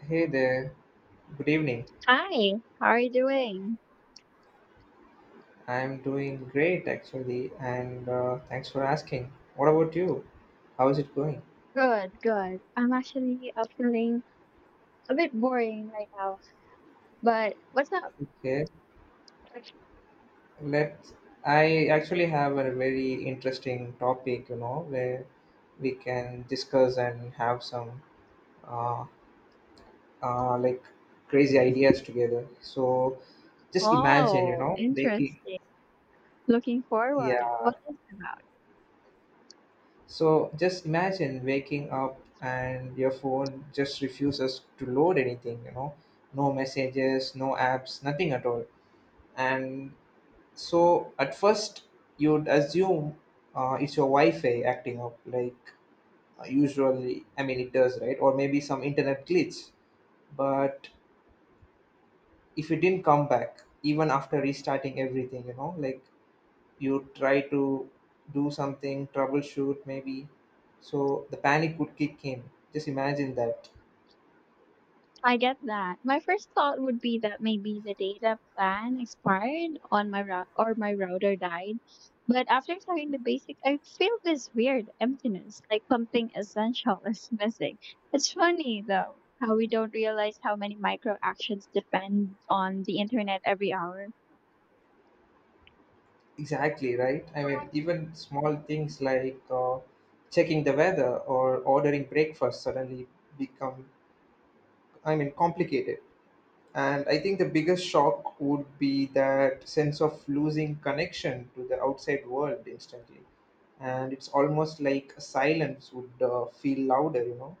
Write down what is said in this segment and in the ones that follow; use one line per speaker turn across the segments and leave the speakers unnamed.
Hey there, good evening.
Hi, how are you doing?
I'm doing great actually, and thanks for asking. What about you? How is it going?
Good, good. I'm actually feeling a bit boring right now, but what's up?
Okay, let's. I actually have a very interesting topic, you know, where we can discuss and have some uh, like crazy ideas together. So just imagine, you
Oh,
know, making
interesting. Looking
yeah.
forward. What is it about?
So just imagine waking up and your phone just refuses to load anything, you know, no messages, no apps, nothing at all. And so at first you'd assume it's your Wi-Fi acting up, like usually, I mean, it does, right? Or maybe some internet glitch. But if it didn't come back, even after restarting everything, you know, like you try to do something, troubleshoot maybe. So the panic would kick in. Just imagine that.
I get that. My first thought would be that maybe the data plan expired on my route or my router died. But after trying the basics, I feel this weird emptiness, like something essential is missing. It's funny though how we don't realize how many micro actions depend on the internet every hour.
Exactly, right? I mean, even small things like checking the weather or ordering breakfast suddenly become, I mean, complicated. And I think the biggest shock would be that sense of losing connection to the outside world instantly. And it's almost like silence would feel louder, you know?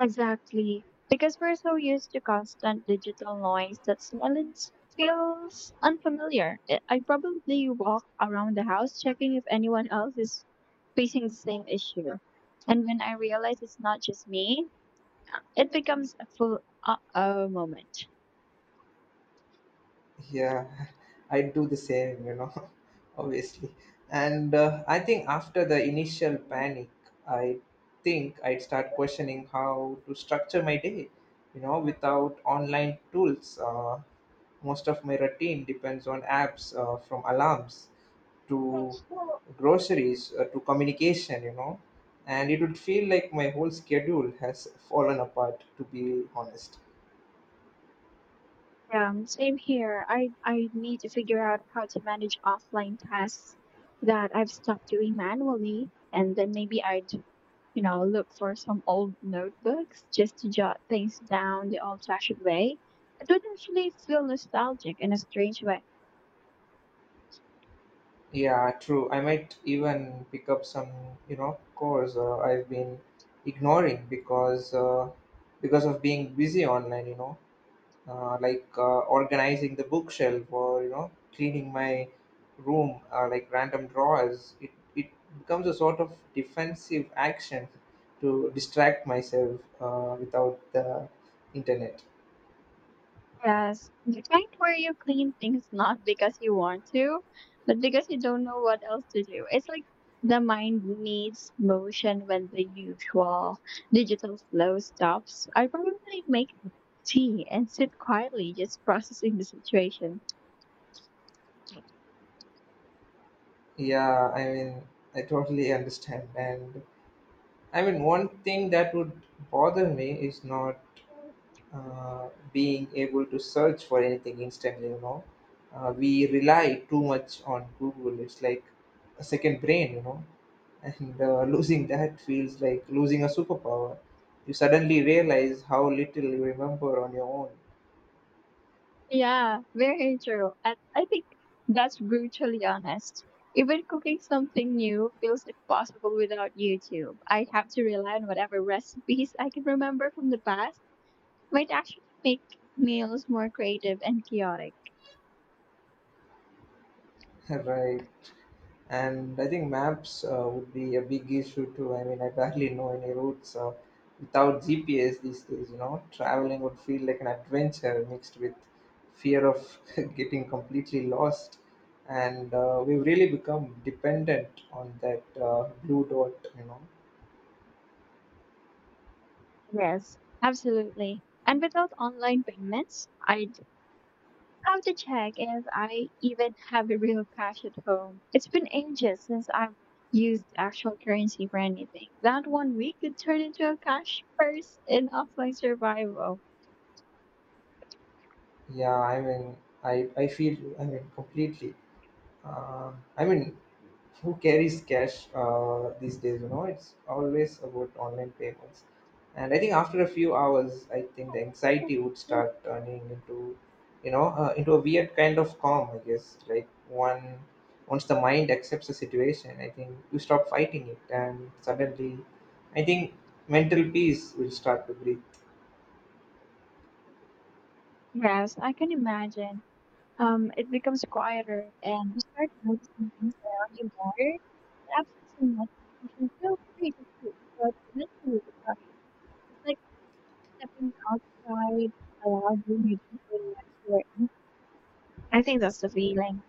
Exactly. Because we're so used to constant digital noise that silence feels unfamiliar. I probably walk around the house checking if anyone else is facing the same issue. And when I realize it's not just me, it becomes a full uh-oh moment.
Yeah. I do the same, you know. Obviously. And I think after the initial panic, I think I'd start questioning how to structure my day, you know, without online tools. Most of my routine depends on apps, from alarms to groceries, to communication, you know. And it would feel like my whole schedule has fallen apart, to be honest.
Yeah, same here. I need to figure out how to manage offline tasks that I've stopped doing manually, and then maybe I'd look for some old notebooks just to jot things down the old fashioned way. It would actually feel nostalgic in a strange way.
Yeah, true. I might even pick up some, you know, course I've been ignoring because because of being busy online. You know, organizing the bookshelf, or you know, cleaning my room, like random drawers. It becomes a sort of defensive action to distract myself without the internet.
Yes, the kind where you clean things not because you want to, but because you don't know what else to do. It's like the mind needs motion when the usual digital flow stops. I probably make tea and sit quietly just processing the situation.
Yeah, I mean, I totally understand and. I mean, one thing that would bother me is not being able to search for anything instantly, you know. We rely too much on Google. It's like a second brain, you know. And losing that feels like losing a superpower. You suddenly realize how little you remember on your own.
Yeah, very true. And I think that's brutally honest. Even cooking something new feels impossible without YouTube. I have to rely on whatever recipes I can remember from the past might actually make meals more creative and chaotic.
Right. And I think maps would be a big issue too. I mean, I barely know any routes without GPS these days. You know, traveling would feel like an adventure mixed with fear of getting completely lost, and we've really become dependent on that blue dot, you know.
Yes, absolutely. And without online payments, I have to check if I even have a real cash at home. It's been ages since I've used actual currency for anything. That one week could turn into a cash purse in offline survival.
Yeah. I mean, I feel, I mean, completely. Uh, I mean, who carries cash these days, you know? It's always about online payments. And I think after a few hours, I think the anxiety would start turning into, you know, into a weird kind of calm, I guess. Like one once the mind accepts the situation, I think you stop fighting it, and suddenly, I think mental peace will start to breathe.
Yes, I can imagine. It becomes quieter and you start noticing things around you more. The absence of notification feels great at first, but eventually it's not- it's like stepping outside a loud room you didn't realize you were in. I think that's the feeling.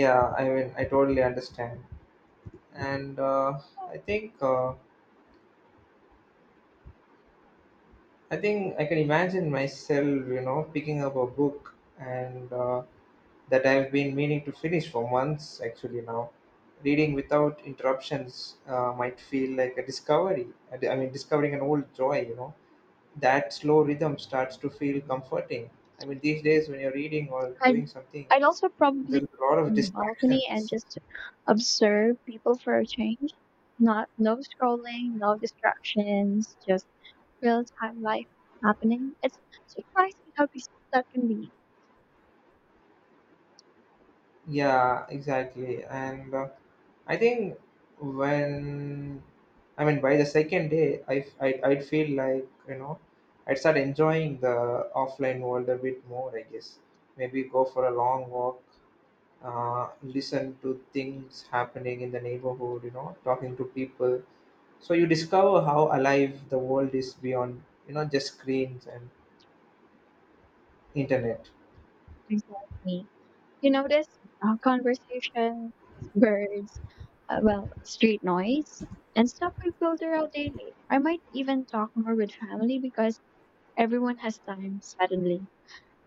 Yeah, I mean, I totally understand. And i think uh, I think I can imagine myself, you know, picking up a book, and that I've been meaning to finish for months actually now. Reading without interruptions might feel like a discovery. I mean, discovering an old joy, you know. That slow rhythm starts to feel comforting. I mean, these days when you're reading or
I'd,
doing something,
I'd also probably
there's a
sit
lot of
on the balcony and
distractions.
just observe people for a change. Not no scrolling, no distractions, just real time life happening. It's surprising how peaceful that can be.
Yeah, exactly. And I think when, I mean, by the second day, I'd feel like, you know, I'd start enjoying the offline world a bit more. I guess maybe go for a long walk, listen to things happening in the neighborhood. You know, talking to people. So you discover how alive the world is beyond, you know, just screens and internet.
Exactly. You notice conversations, birds, well, street noise, and stuff we filter out daily. I might even talk more with family because everyone has time suddenly.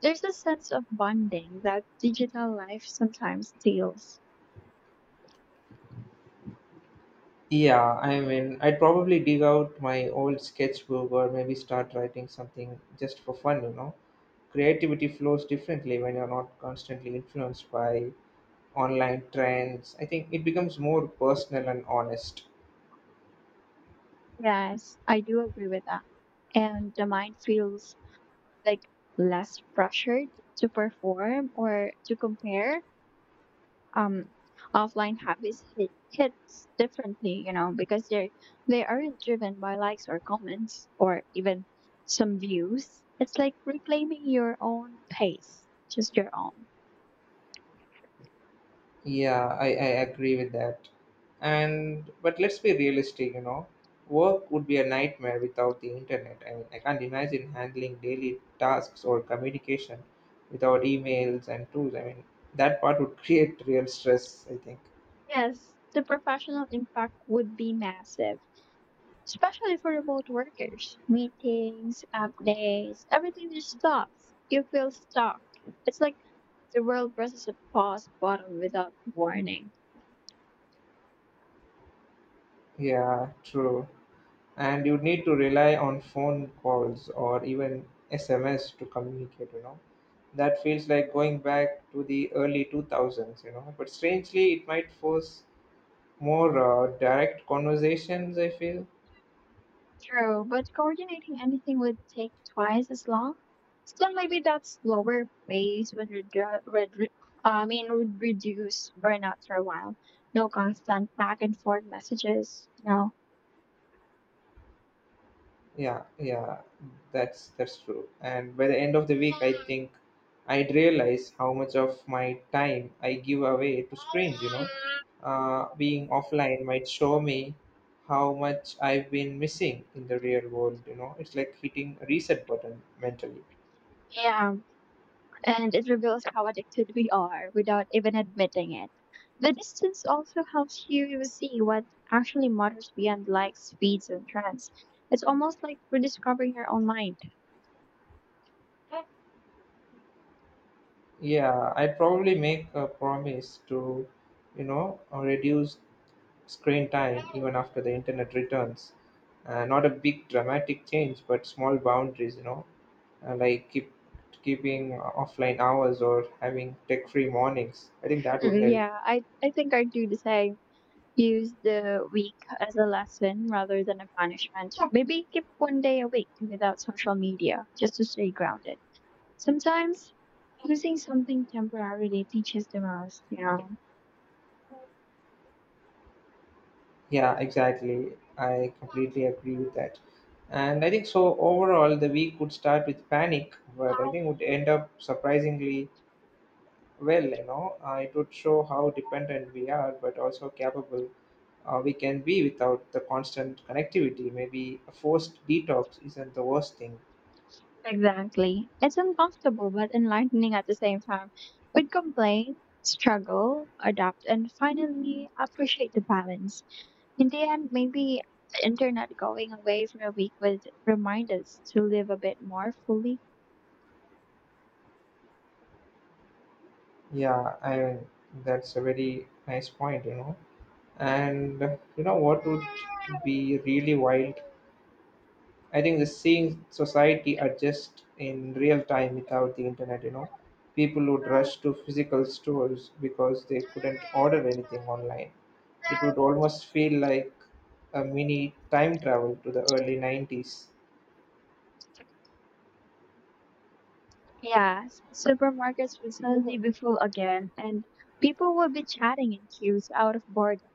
There's a sense of bonding that digital life sometimes steals.
Yeah, I mean, I'd probably dig out my old sketchbook, or maybe start writing something just for fun, you know. Creativity flows differently when you're not constantly influenced by online trends. I think it becomes more personal and honest.
Yes, I do agree with that. And the mind feels like less pressured to perform or to compare. Um, Offline habits hits differently, because they are not driven by likes or comments or even some views. It's like reclaiming your own pace, just your own.
Yeah, I agree with that. And but let's be realistic, you know, work would be a nightmare without the internet. I mean, I can't imagine handling daily tasks or communication without emails and tools. I mean, that part would create real stress, I think.
Yes, the professional impact would be massive especially for remote workers. Meetings, updates, everything just stops. You feel stuck. It's like the world presses a pause button without warning.
Yeah, true. And you need to rely on phone calls or even SMS to communicate, you know. That feels like going back to the early 2000s, you know. But strangely, it might force more direct conversations, I feel.
True, but coordinating anything would take twice as long. Still, maybe that slower pace would, I mean, would reduce burnout for a while. No constant back and forth messages. No.
Yeah, that's true. And by the end of the week, I think I'd realize how much of my time I give away to screens. You know, being offline might show me how much I've been missing in the real world. You know, it's like hitting a reset button mentally.
Yeah, and it reveals how addicted we are without even admitting it. The distance also helps you see what actually matters beyond likes, feeds, and trends. It's almost like rediscovering your own mind.
Yeah, I'd probably make a promise to, you know, reduce screen time even after the internet returns. Not a big dramatic change, but small boundaries, you know, like keeping offline hours or having tech-free mornings. I think that would
Mm,
help.
yeah, I think I do the same. Use the week as a lesson rather than a punishment. Maybe keep one day a week without social media just to stay grounded. Sometimes losing something temporarily teaches the most.
Yeah, exactly. I completely agree with that. And I think so overall the week would start with panic, but I think would end up surprisingly well, you know. It would show how dependent we are, but also capable we can be without the constant connectivity. Maybe a forced detox isn't the worst thing.
Exactly. It's uncomfortable but enlightening at the same time. We'd complain, struggle, adapt, and finally appreciate the balance. In the end, maybe the internet going away for a week would remind us to live a bit more fully.
Yeah, I mean, that's a very nice point, you know. And you know what would be really wild? I think the seeing society adjust in real time without the internet, you know. People would rush to physical stores because they couldn't order anything online. It would almost feel like a mini time travel to the early 90s.
Yeah, supermarkets would suddenly be full again, and people would be chatting in queues out of boredom.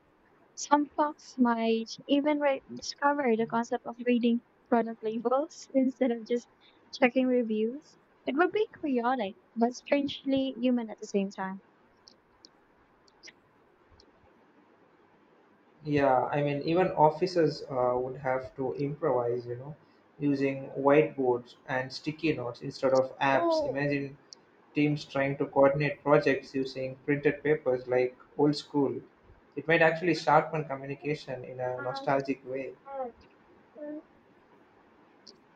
Some folks might even discover the concept of reading product labels instead of just checking reviews. It would be chaotic, but strangely human at the same time.
Yeah, I mean, even officers would have to improvise, you know, using whiteboards and sticky notes instead of apps.
Oh,
Imagine teams trying to coordinate projects using printed papers like old school. It might actually sharpen communication in a
um,
nostalgic way.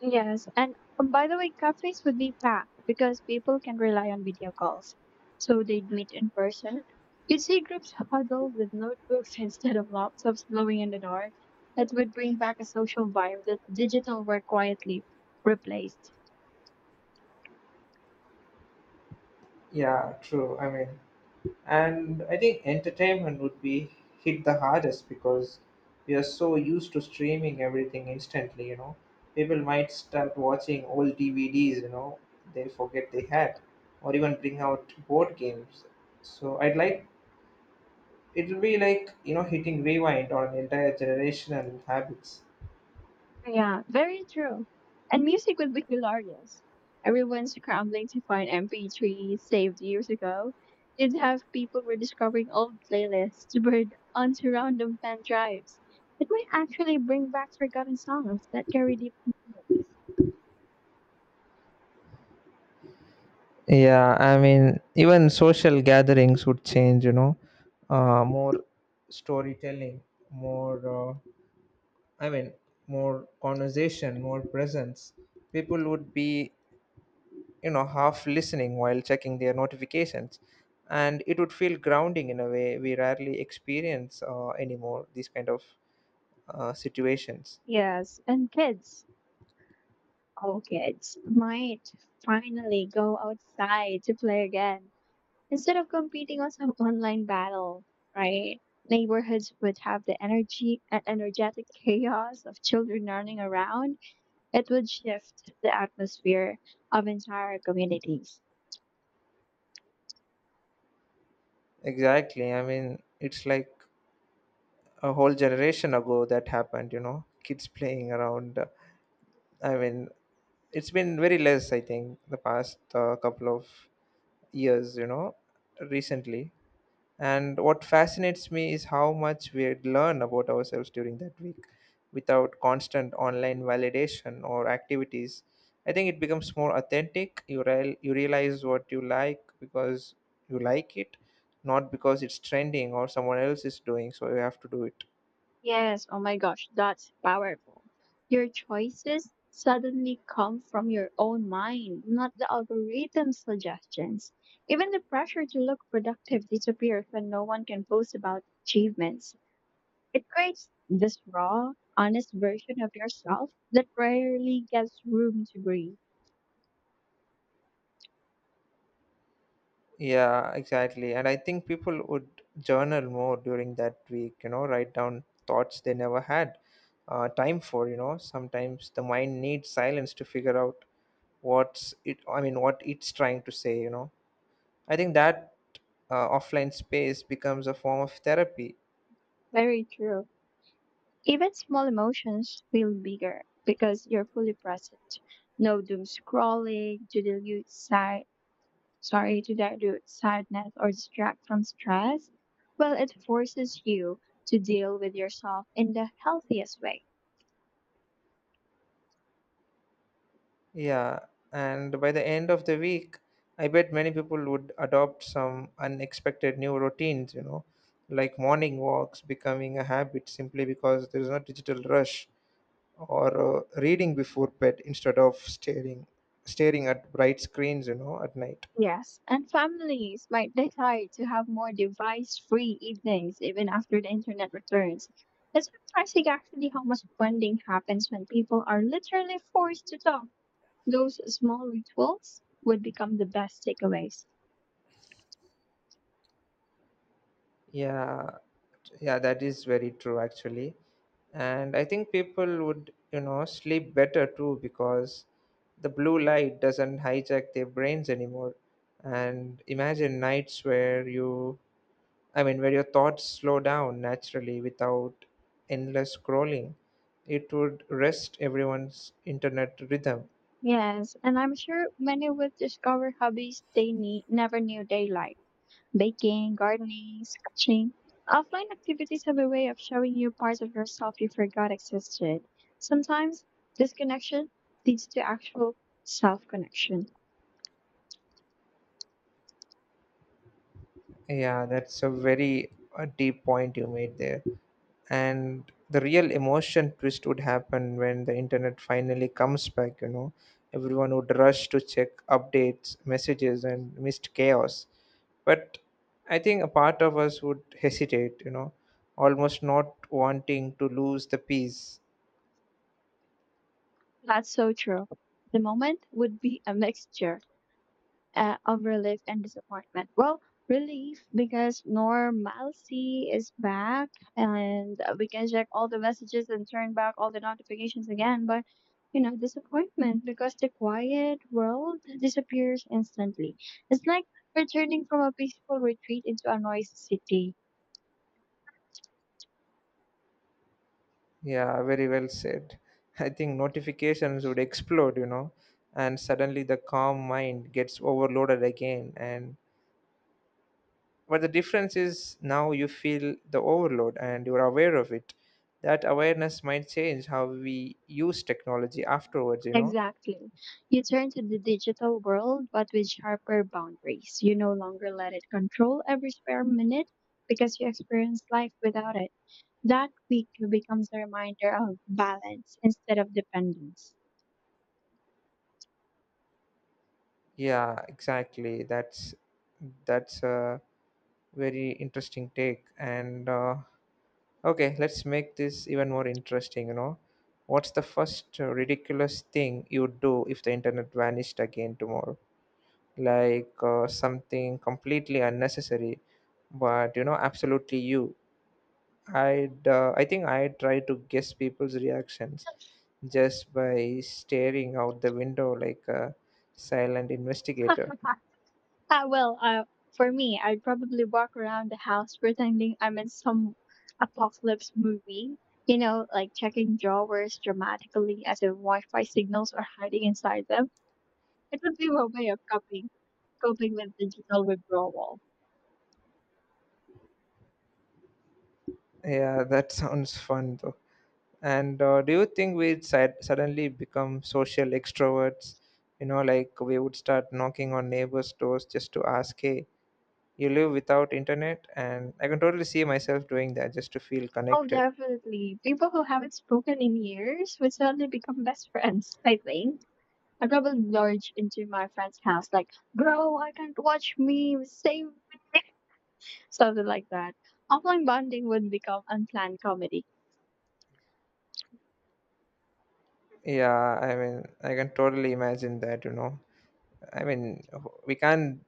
yes, and by the way, cafes would be packed because people can rely on video calls. So they'd meet in person. You'd see groups huddled with notebooks instead of laptops glowing in the dark. That would bring back a social vibe that digital work quietly replaced.
Yeah, true. I mean, and I think entertainment would be hit the hardest because we are so used to streaming everything instantly, you know. People might start watching old DVDs, you know, they forget they had, or even bring out board games. So I'd like, it'll be like, you know, hitting rewind on entire generational habits.
Yeah, very true. And music would be hilarious. Everyone's scrambling to find MP3s saved years ago. You'd have people rediscovering old playlists burned onto random pen drives. It might actually bring back forgotten songs that carry deep meaning.
Yeah, I mean, even social gatherings would change, you know, more storytelling, more, uh, I mean, more conversation, more presence. People would be, you know, half listening while checking their notifications. And it would feel grounding in a way we rarely experience anymore, these kind of situations.
Yes, and kids, all kids, might finally go outside to play again. Instead of competing on some online battle, right? Neighborhoods would have the energy and energetic chaos of children running around. It would shift the atmosphere of entire communities.
Exactly. I mean, it's like a whole generation ago that happened, you know, kids playing around. I mean, it's been very less, I think, the past couple of years, you know, recently. And what fascinates me is how much we learn about ourselves during that week without constant online validation or activities. I think it becomes more authentic. You realize what you like because you like it, not because it's trending or someone else is doing, so you have to do it.
Yes, oh my gosh, that's powerful. Your choices suddenly come from your own mind, not the algorithm's suggestions. Even the pressure to look productive disappears when no one can boast about achievements. It creates this raw, honest version of yourself that rarely gets room to breathe.
Yeah, exactly. And I think people would journal more during that week, you know, write down thoughts they never had time for, you know. Sometimes the mind needs silence to figure out I mean, what it's trying to say, you know. I think that offline space becomes a form of therapy.
Very true. Even small emotions feel bigger because you're fully present. No doom scrolling to dilute side, sorry, to dilute sadness or distract from stress. Well, it forces you to deal with yourself in the healthiest way.
Yeah. And by the end of the week, I bet many people would adopt some unexpected new routines, you know, like morning walks becoming a habit simply because there's no digital rush, or reading before bed instead of staring at bright screens, you know, at night.
Yes, and families might decide to have more device-free evenings even after the internet returns. It's surprising actually how much bonding happens when people are literally forced to talk. Those small rituals would become the best takeaways.
Yeah yeah that is very true actually. And I think people would, you know, sleep better too, because the blue light doesn't hijack their brains anymore. And imagine nights where you I mean where your thoughts slow down naturally without endless scrolling. It would rest everyone's internet rhythm.
Yes, and I'm sure many would discover hobbies they never knew they liked. Baking, gardening, sketching. Offline activities have a way of showing you parts of yourself you forgot existed. Sometimes this connection leads to actual self connection.
Yeah, that's a very a deep point you made there. And the real emotion twist would happen when the internet finally comes back, you know. Everyone would rush to check updates, messages, and missed chaos. But I think a part of us would hesitate, you know, almost not wanting to lose the peace.
That's so true. The moment would be a mixture of relief and disappointment. Well, relief because normalcy is back and we can check all the messages and turn back all the notifications again. But, disappointment because the quiet world disappears instantly. It's like returning from a peaceful retreat into a noisy city.
Yeah, very well said. I think notifications would explode, you know, and suddenly the calm mind gets overloaded again. And but the difference is, now you feel the overload and you're aware of it. That awareness might change how we use technology afterwards, you know?
Exactly. You turn to the digital world, but with sharper boundaries. You no longer let it control every spare minute because you experience life without it. That week becomes a reminder of balance instead of dependence.
Yeah, exactly. That's a very interesting take. And okay, let's make this even more interesting, you know? What's the first ridiculous thing you'd do if the internet vanished again tomorrow? Like something completely unnecessary, but you know, absolutely you. I think I try to guess people's reactions just by staring out the window like a silent investigator.
Ah, well, for me, I'd probably walk around the house pretending I'm in some apocalypse movie. You know, like checking drawers dramatically as if Wi-Fi signals are hiding inside them. It would be my way of coping with digital withdrawal.
Yeah, that sounds fun though. And Do you think suddenly become social extroverts? You know, like we would start knocking on neighbors' doors just to ask, "Hey, you live without internet?" And I can totally see myself doing that just to feel
Oh,
connected.
definitely. People who haven't spoken in years would suddenly become best friends, I think. I probably lurch into my friend's house like, bro, I can't watch memes, save me," something like that. Offline bonding would become unplanned comedy.
Yeah, I can totally imagine that. I mean, we can't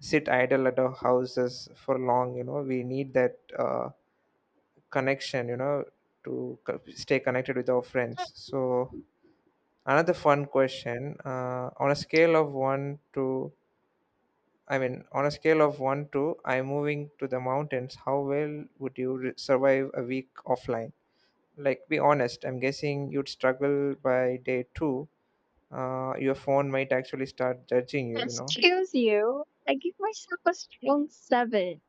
sit idle at our houses for long. We need that connection, to stay connected with our friends. So another fun question, on a scale of 1 to on a scale of 1 to I'm moving to the mountains, how well would you survive a week offline? Like, be honest, I'm guessing you'd struggle by day 2. Your phone might actually start judging you, you know.
Excuse you, I give myself a strong seven.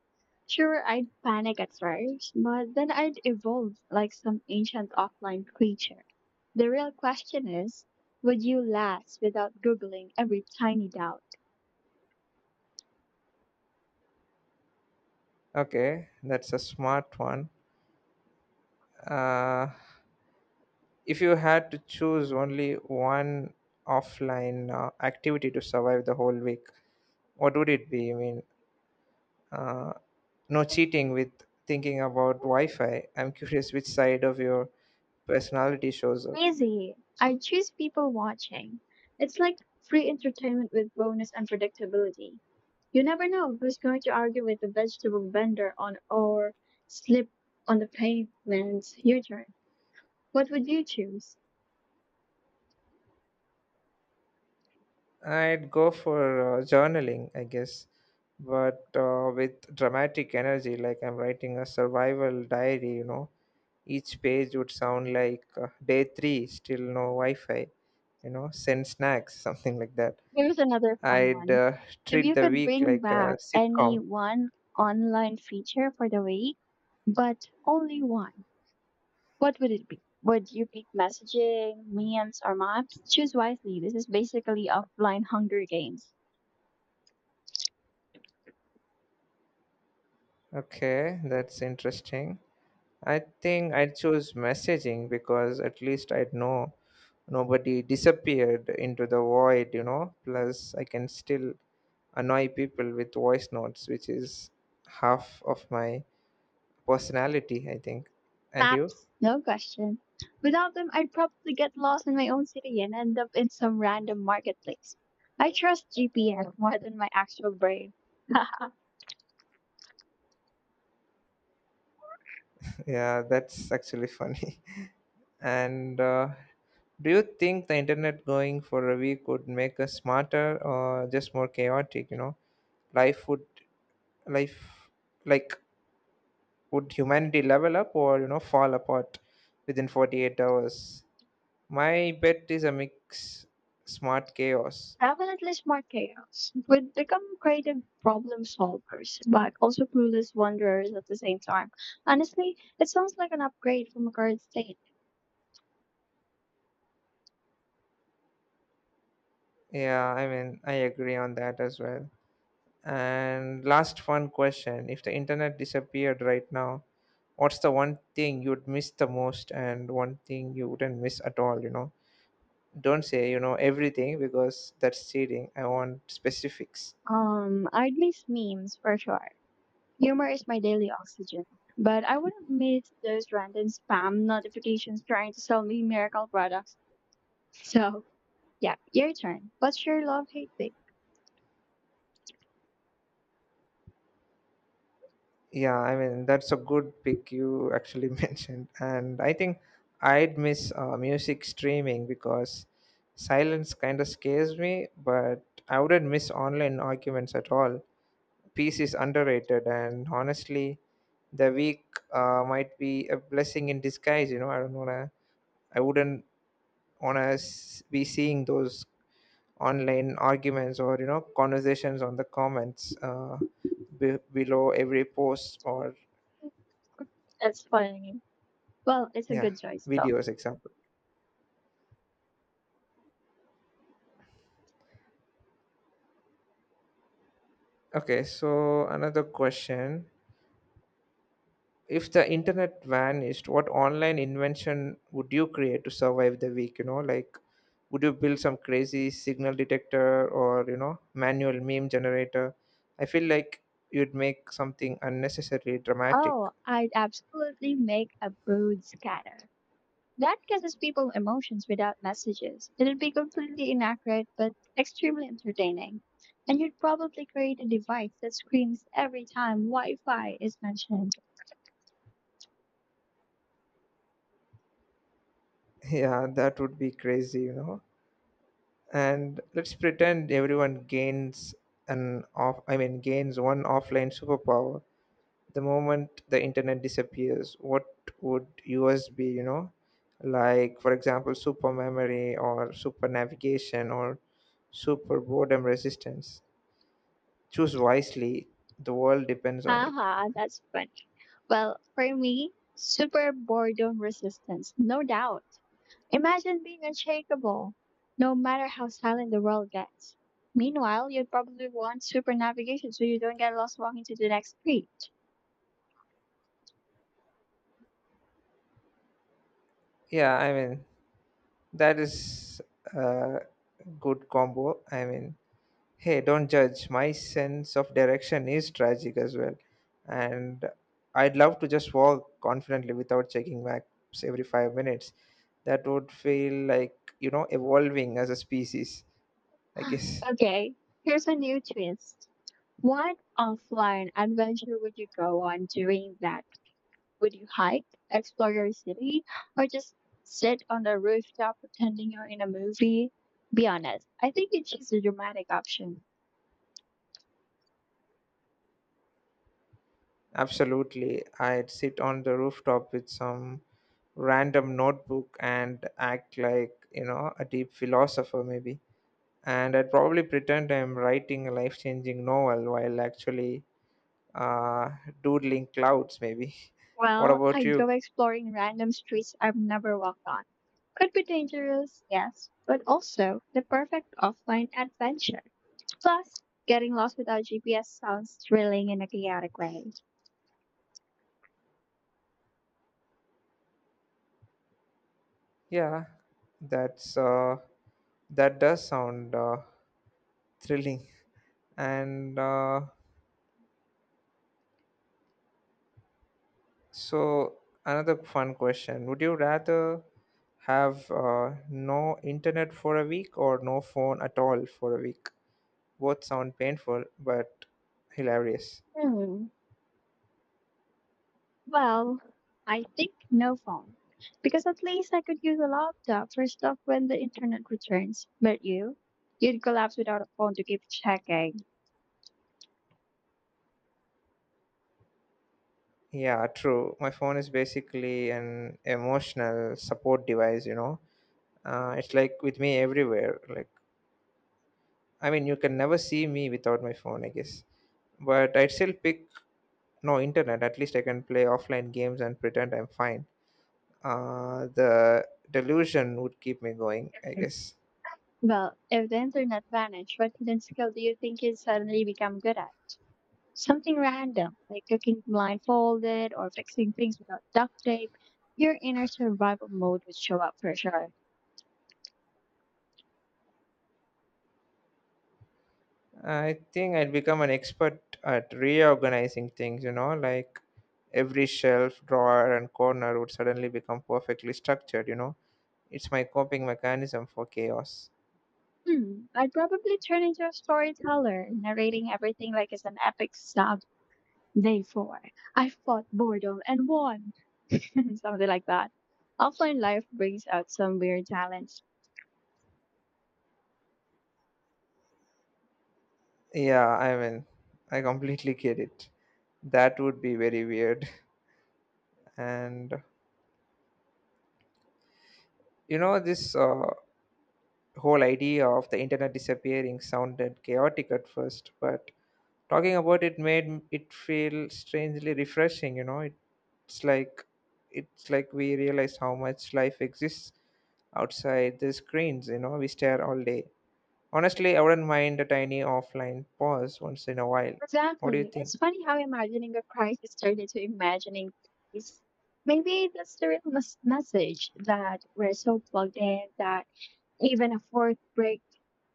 Sure, I'd panic at first, but then I'd evolve like some ancient offline creature. The real question is, would you last without googling every tiny doubt?
Okay, that's a smart one. uh If you had to choose only one offline activity to survive the whole week, what would it be? Uh, no cheating with thinking about Wi Fi. I'm curious which side of your personality shows up.
Easy. I choose people watching. It's like free entertainment with bonus unpredictability. You never know who's going to argue with the vegetable vendor on or slip on the pavement. Your turn. What would you choose?
I'd go for journaling, I guess, but with dramatic energy, like I'm writing a survival diary, you know. Each page would sound like day three, still no Wi Fi, you know, send snacks, something like that.
Here's another fun
I'd
one.
uh,
If
treat
you
the
could
week
bring
like a
back any
sitcom.
one online feature for the week, but only one, what would it be? Would you pick messaging, memes, or maps? Choose wisely. This is basically offline Hunger Games.
Okay, that's interesting. I think I'd choose messaging because at least I'd know nobody disappeared into the void, you know. Plus, I can still annoy people with voice notes, which is half of my personality, I think. And you?
Maps, no question. Without them, I'd probably get lost in my own city and end up in some random marketplace. I trust GPS more than my actual brain.
Yeah, that's actually funny. And do you think the internet going for a week would make us smarter or just more chaotic, you know? Life would life like would humanity level up or, you know, fall apart within 48 hours? My bet is a mix: smart chaos.
Definitely smart chaos. We'd become creative problem solvers, but also clueless wanderers at the same time. Honestly, it sounds like an upgrade from a current state.
Yeah, I mean, I agree on that as well. And last fun question, if the internet disappeared right now, what's the one thing you'd miss the most, and one thing you wouldn't miss at all? You know, don't say you know everything, because that's cheating. I want specifics.
I'd miss memes for sure. Humor is my daily oxygen, but I wouldn't miss those random spam notifications trying to sell me miracle products. So, yeah, your turn. What's your love hate thing?
Yeah, I mean, that's a good pick you actually mentioned, and I think I'd miss music streaming because silence kind of scares me. But I wouldn't miss online arguments at all. Peace is underrated, and honestly, the week might be a blessing in disguise. You know, I wouldn't wanna be seeing those online arguments or, you know, conversations on the comments, be- below every post, or—
That's funny. Well, it's a
Yeah,
good choice though.
videos example. Okay, so another question. If the internet vanished, what online invention would you create to survive the week? You know, like would you build some crazy signal detector or, you know, manual meme generator? I feel like you'd make something unnecessarily dramatic.
Oh, I'd absolutely make a brood scatter. That catches people emotions without messages. It'd be completely inaccurate but extremely entertaining. And you'd probably create a device that screams every time Wi Fi is mentioned.
Yeah, that would be crazy, you know. And let's pretend everyone gains an off I mean gains one offline superpower the moment the internet disappears. What would yours be, you know? Like, for example, super memory or super navigation or super boredom resistance. Choose wisely, the world depends on it.
Haha, that's funny. Well, for me, super boredom resistance, no doubt. Imagine being unshakable, no matter how silent the world gets. Meanwhile, you'd probably want super navigation so you don't get lost walking to the next street.
Yeah, I mean, that is a good combo. I mean, hey, don't judge, my sense of direction is tragic as well. And I'd love to just walk confidently without checking maps every 5 minutes. That would feel like, you know, evolving as a species, I guess.
Okay, here's a new twist. What offline adventure would you go on during that? Would you hike, explore your city, or just sit on the rooftop pretending you're in a movie? Be honest, I think you choose the dramatic option.
Absolutely, I'd sit on the rooftop with some random notebook and act like, you know, a deep philosopher maybe. And I'd probably pretend I'm writing a life-changing novel while actually uh, doodling clouds maybe. What
Well,
about
I'd
you?
go exploring random streets I've never walked on. Could be dangerous, yes, but also the perfect offline adventure. Plus, getting lost without GPS sounds thrilling in a chaotic way.
Yeah, that's uh, that does sound thrilling. And so Another fun question, would you rather have no internet for a week or no phone at all for a week? Both sound painful but hilarious.
Hmm. Well, I think no phone. Because at least I could use a laptop for stuff when the internet returns. But you? You'd collapse without a phone to keep checking.
Yeah, true, my phone is basically an emotional support device, you know. It's like with me everywhere. Like, I mean, you can never see me without my phone, I guess. But I'd still pick no internet. At least I can play offline games and pretend I'm fine. The delusion would keep me going, I guess.
Well, if the internet vanished, what hidden skill do you think you'd suddenly become good at? Something random, like cooking blindfolded or fixing things without duct tape. Your inner survival mode would show up for sure.
I think I'd become an expert at reorganizing things, you know, like every shelf, drawer, and corner would suddenly become perfectly structured, you know. It's my coping mechanism for chaos.
Hmm, I'd probably turn into a storyteller, narrating everything like it's an epic saga. Day four. I fought boredom and won. Something like that. Offline life brings out some weird talents.
Yeah, I mean, I completely get it. That would be very weird. And— You know, this whole idea of the internet disappearing sounded chaotic at first, but talking about it made it feel strangely refreshing. You know, it's like we realize how much life exists outside the screens. You know, we stare all day. Honestly, I wouldn't mind a tiny offline pause once in a while. What do you
Exactly.
think?
It's funny how imagining a crisis turned into imagining peace. Maybe that's the real message that we're so plugged in that even a fourth break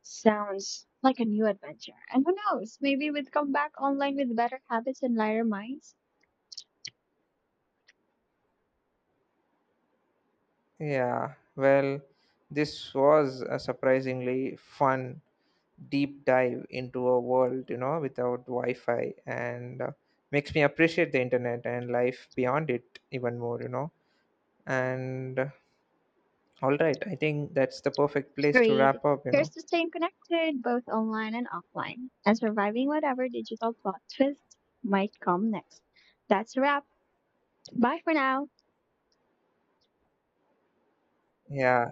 sounds like a new adventure. And who knows? Maybe we'd come back online with better habits and lighter minds.
Yeah, well, this was a surprisingly fun deep dive into a world, you know, without wi-fi, and makes me appreciate the internet and life beyond it even more, you know. And All right, I think that's the perfect place to
Agreed.
wrap up, you
Here's
know.
to staying connected, both online and offline, and surviving whatever digital plot twist might come next. That's a wrap. Bye for now.
Yeah,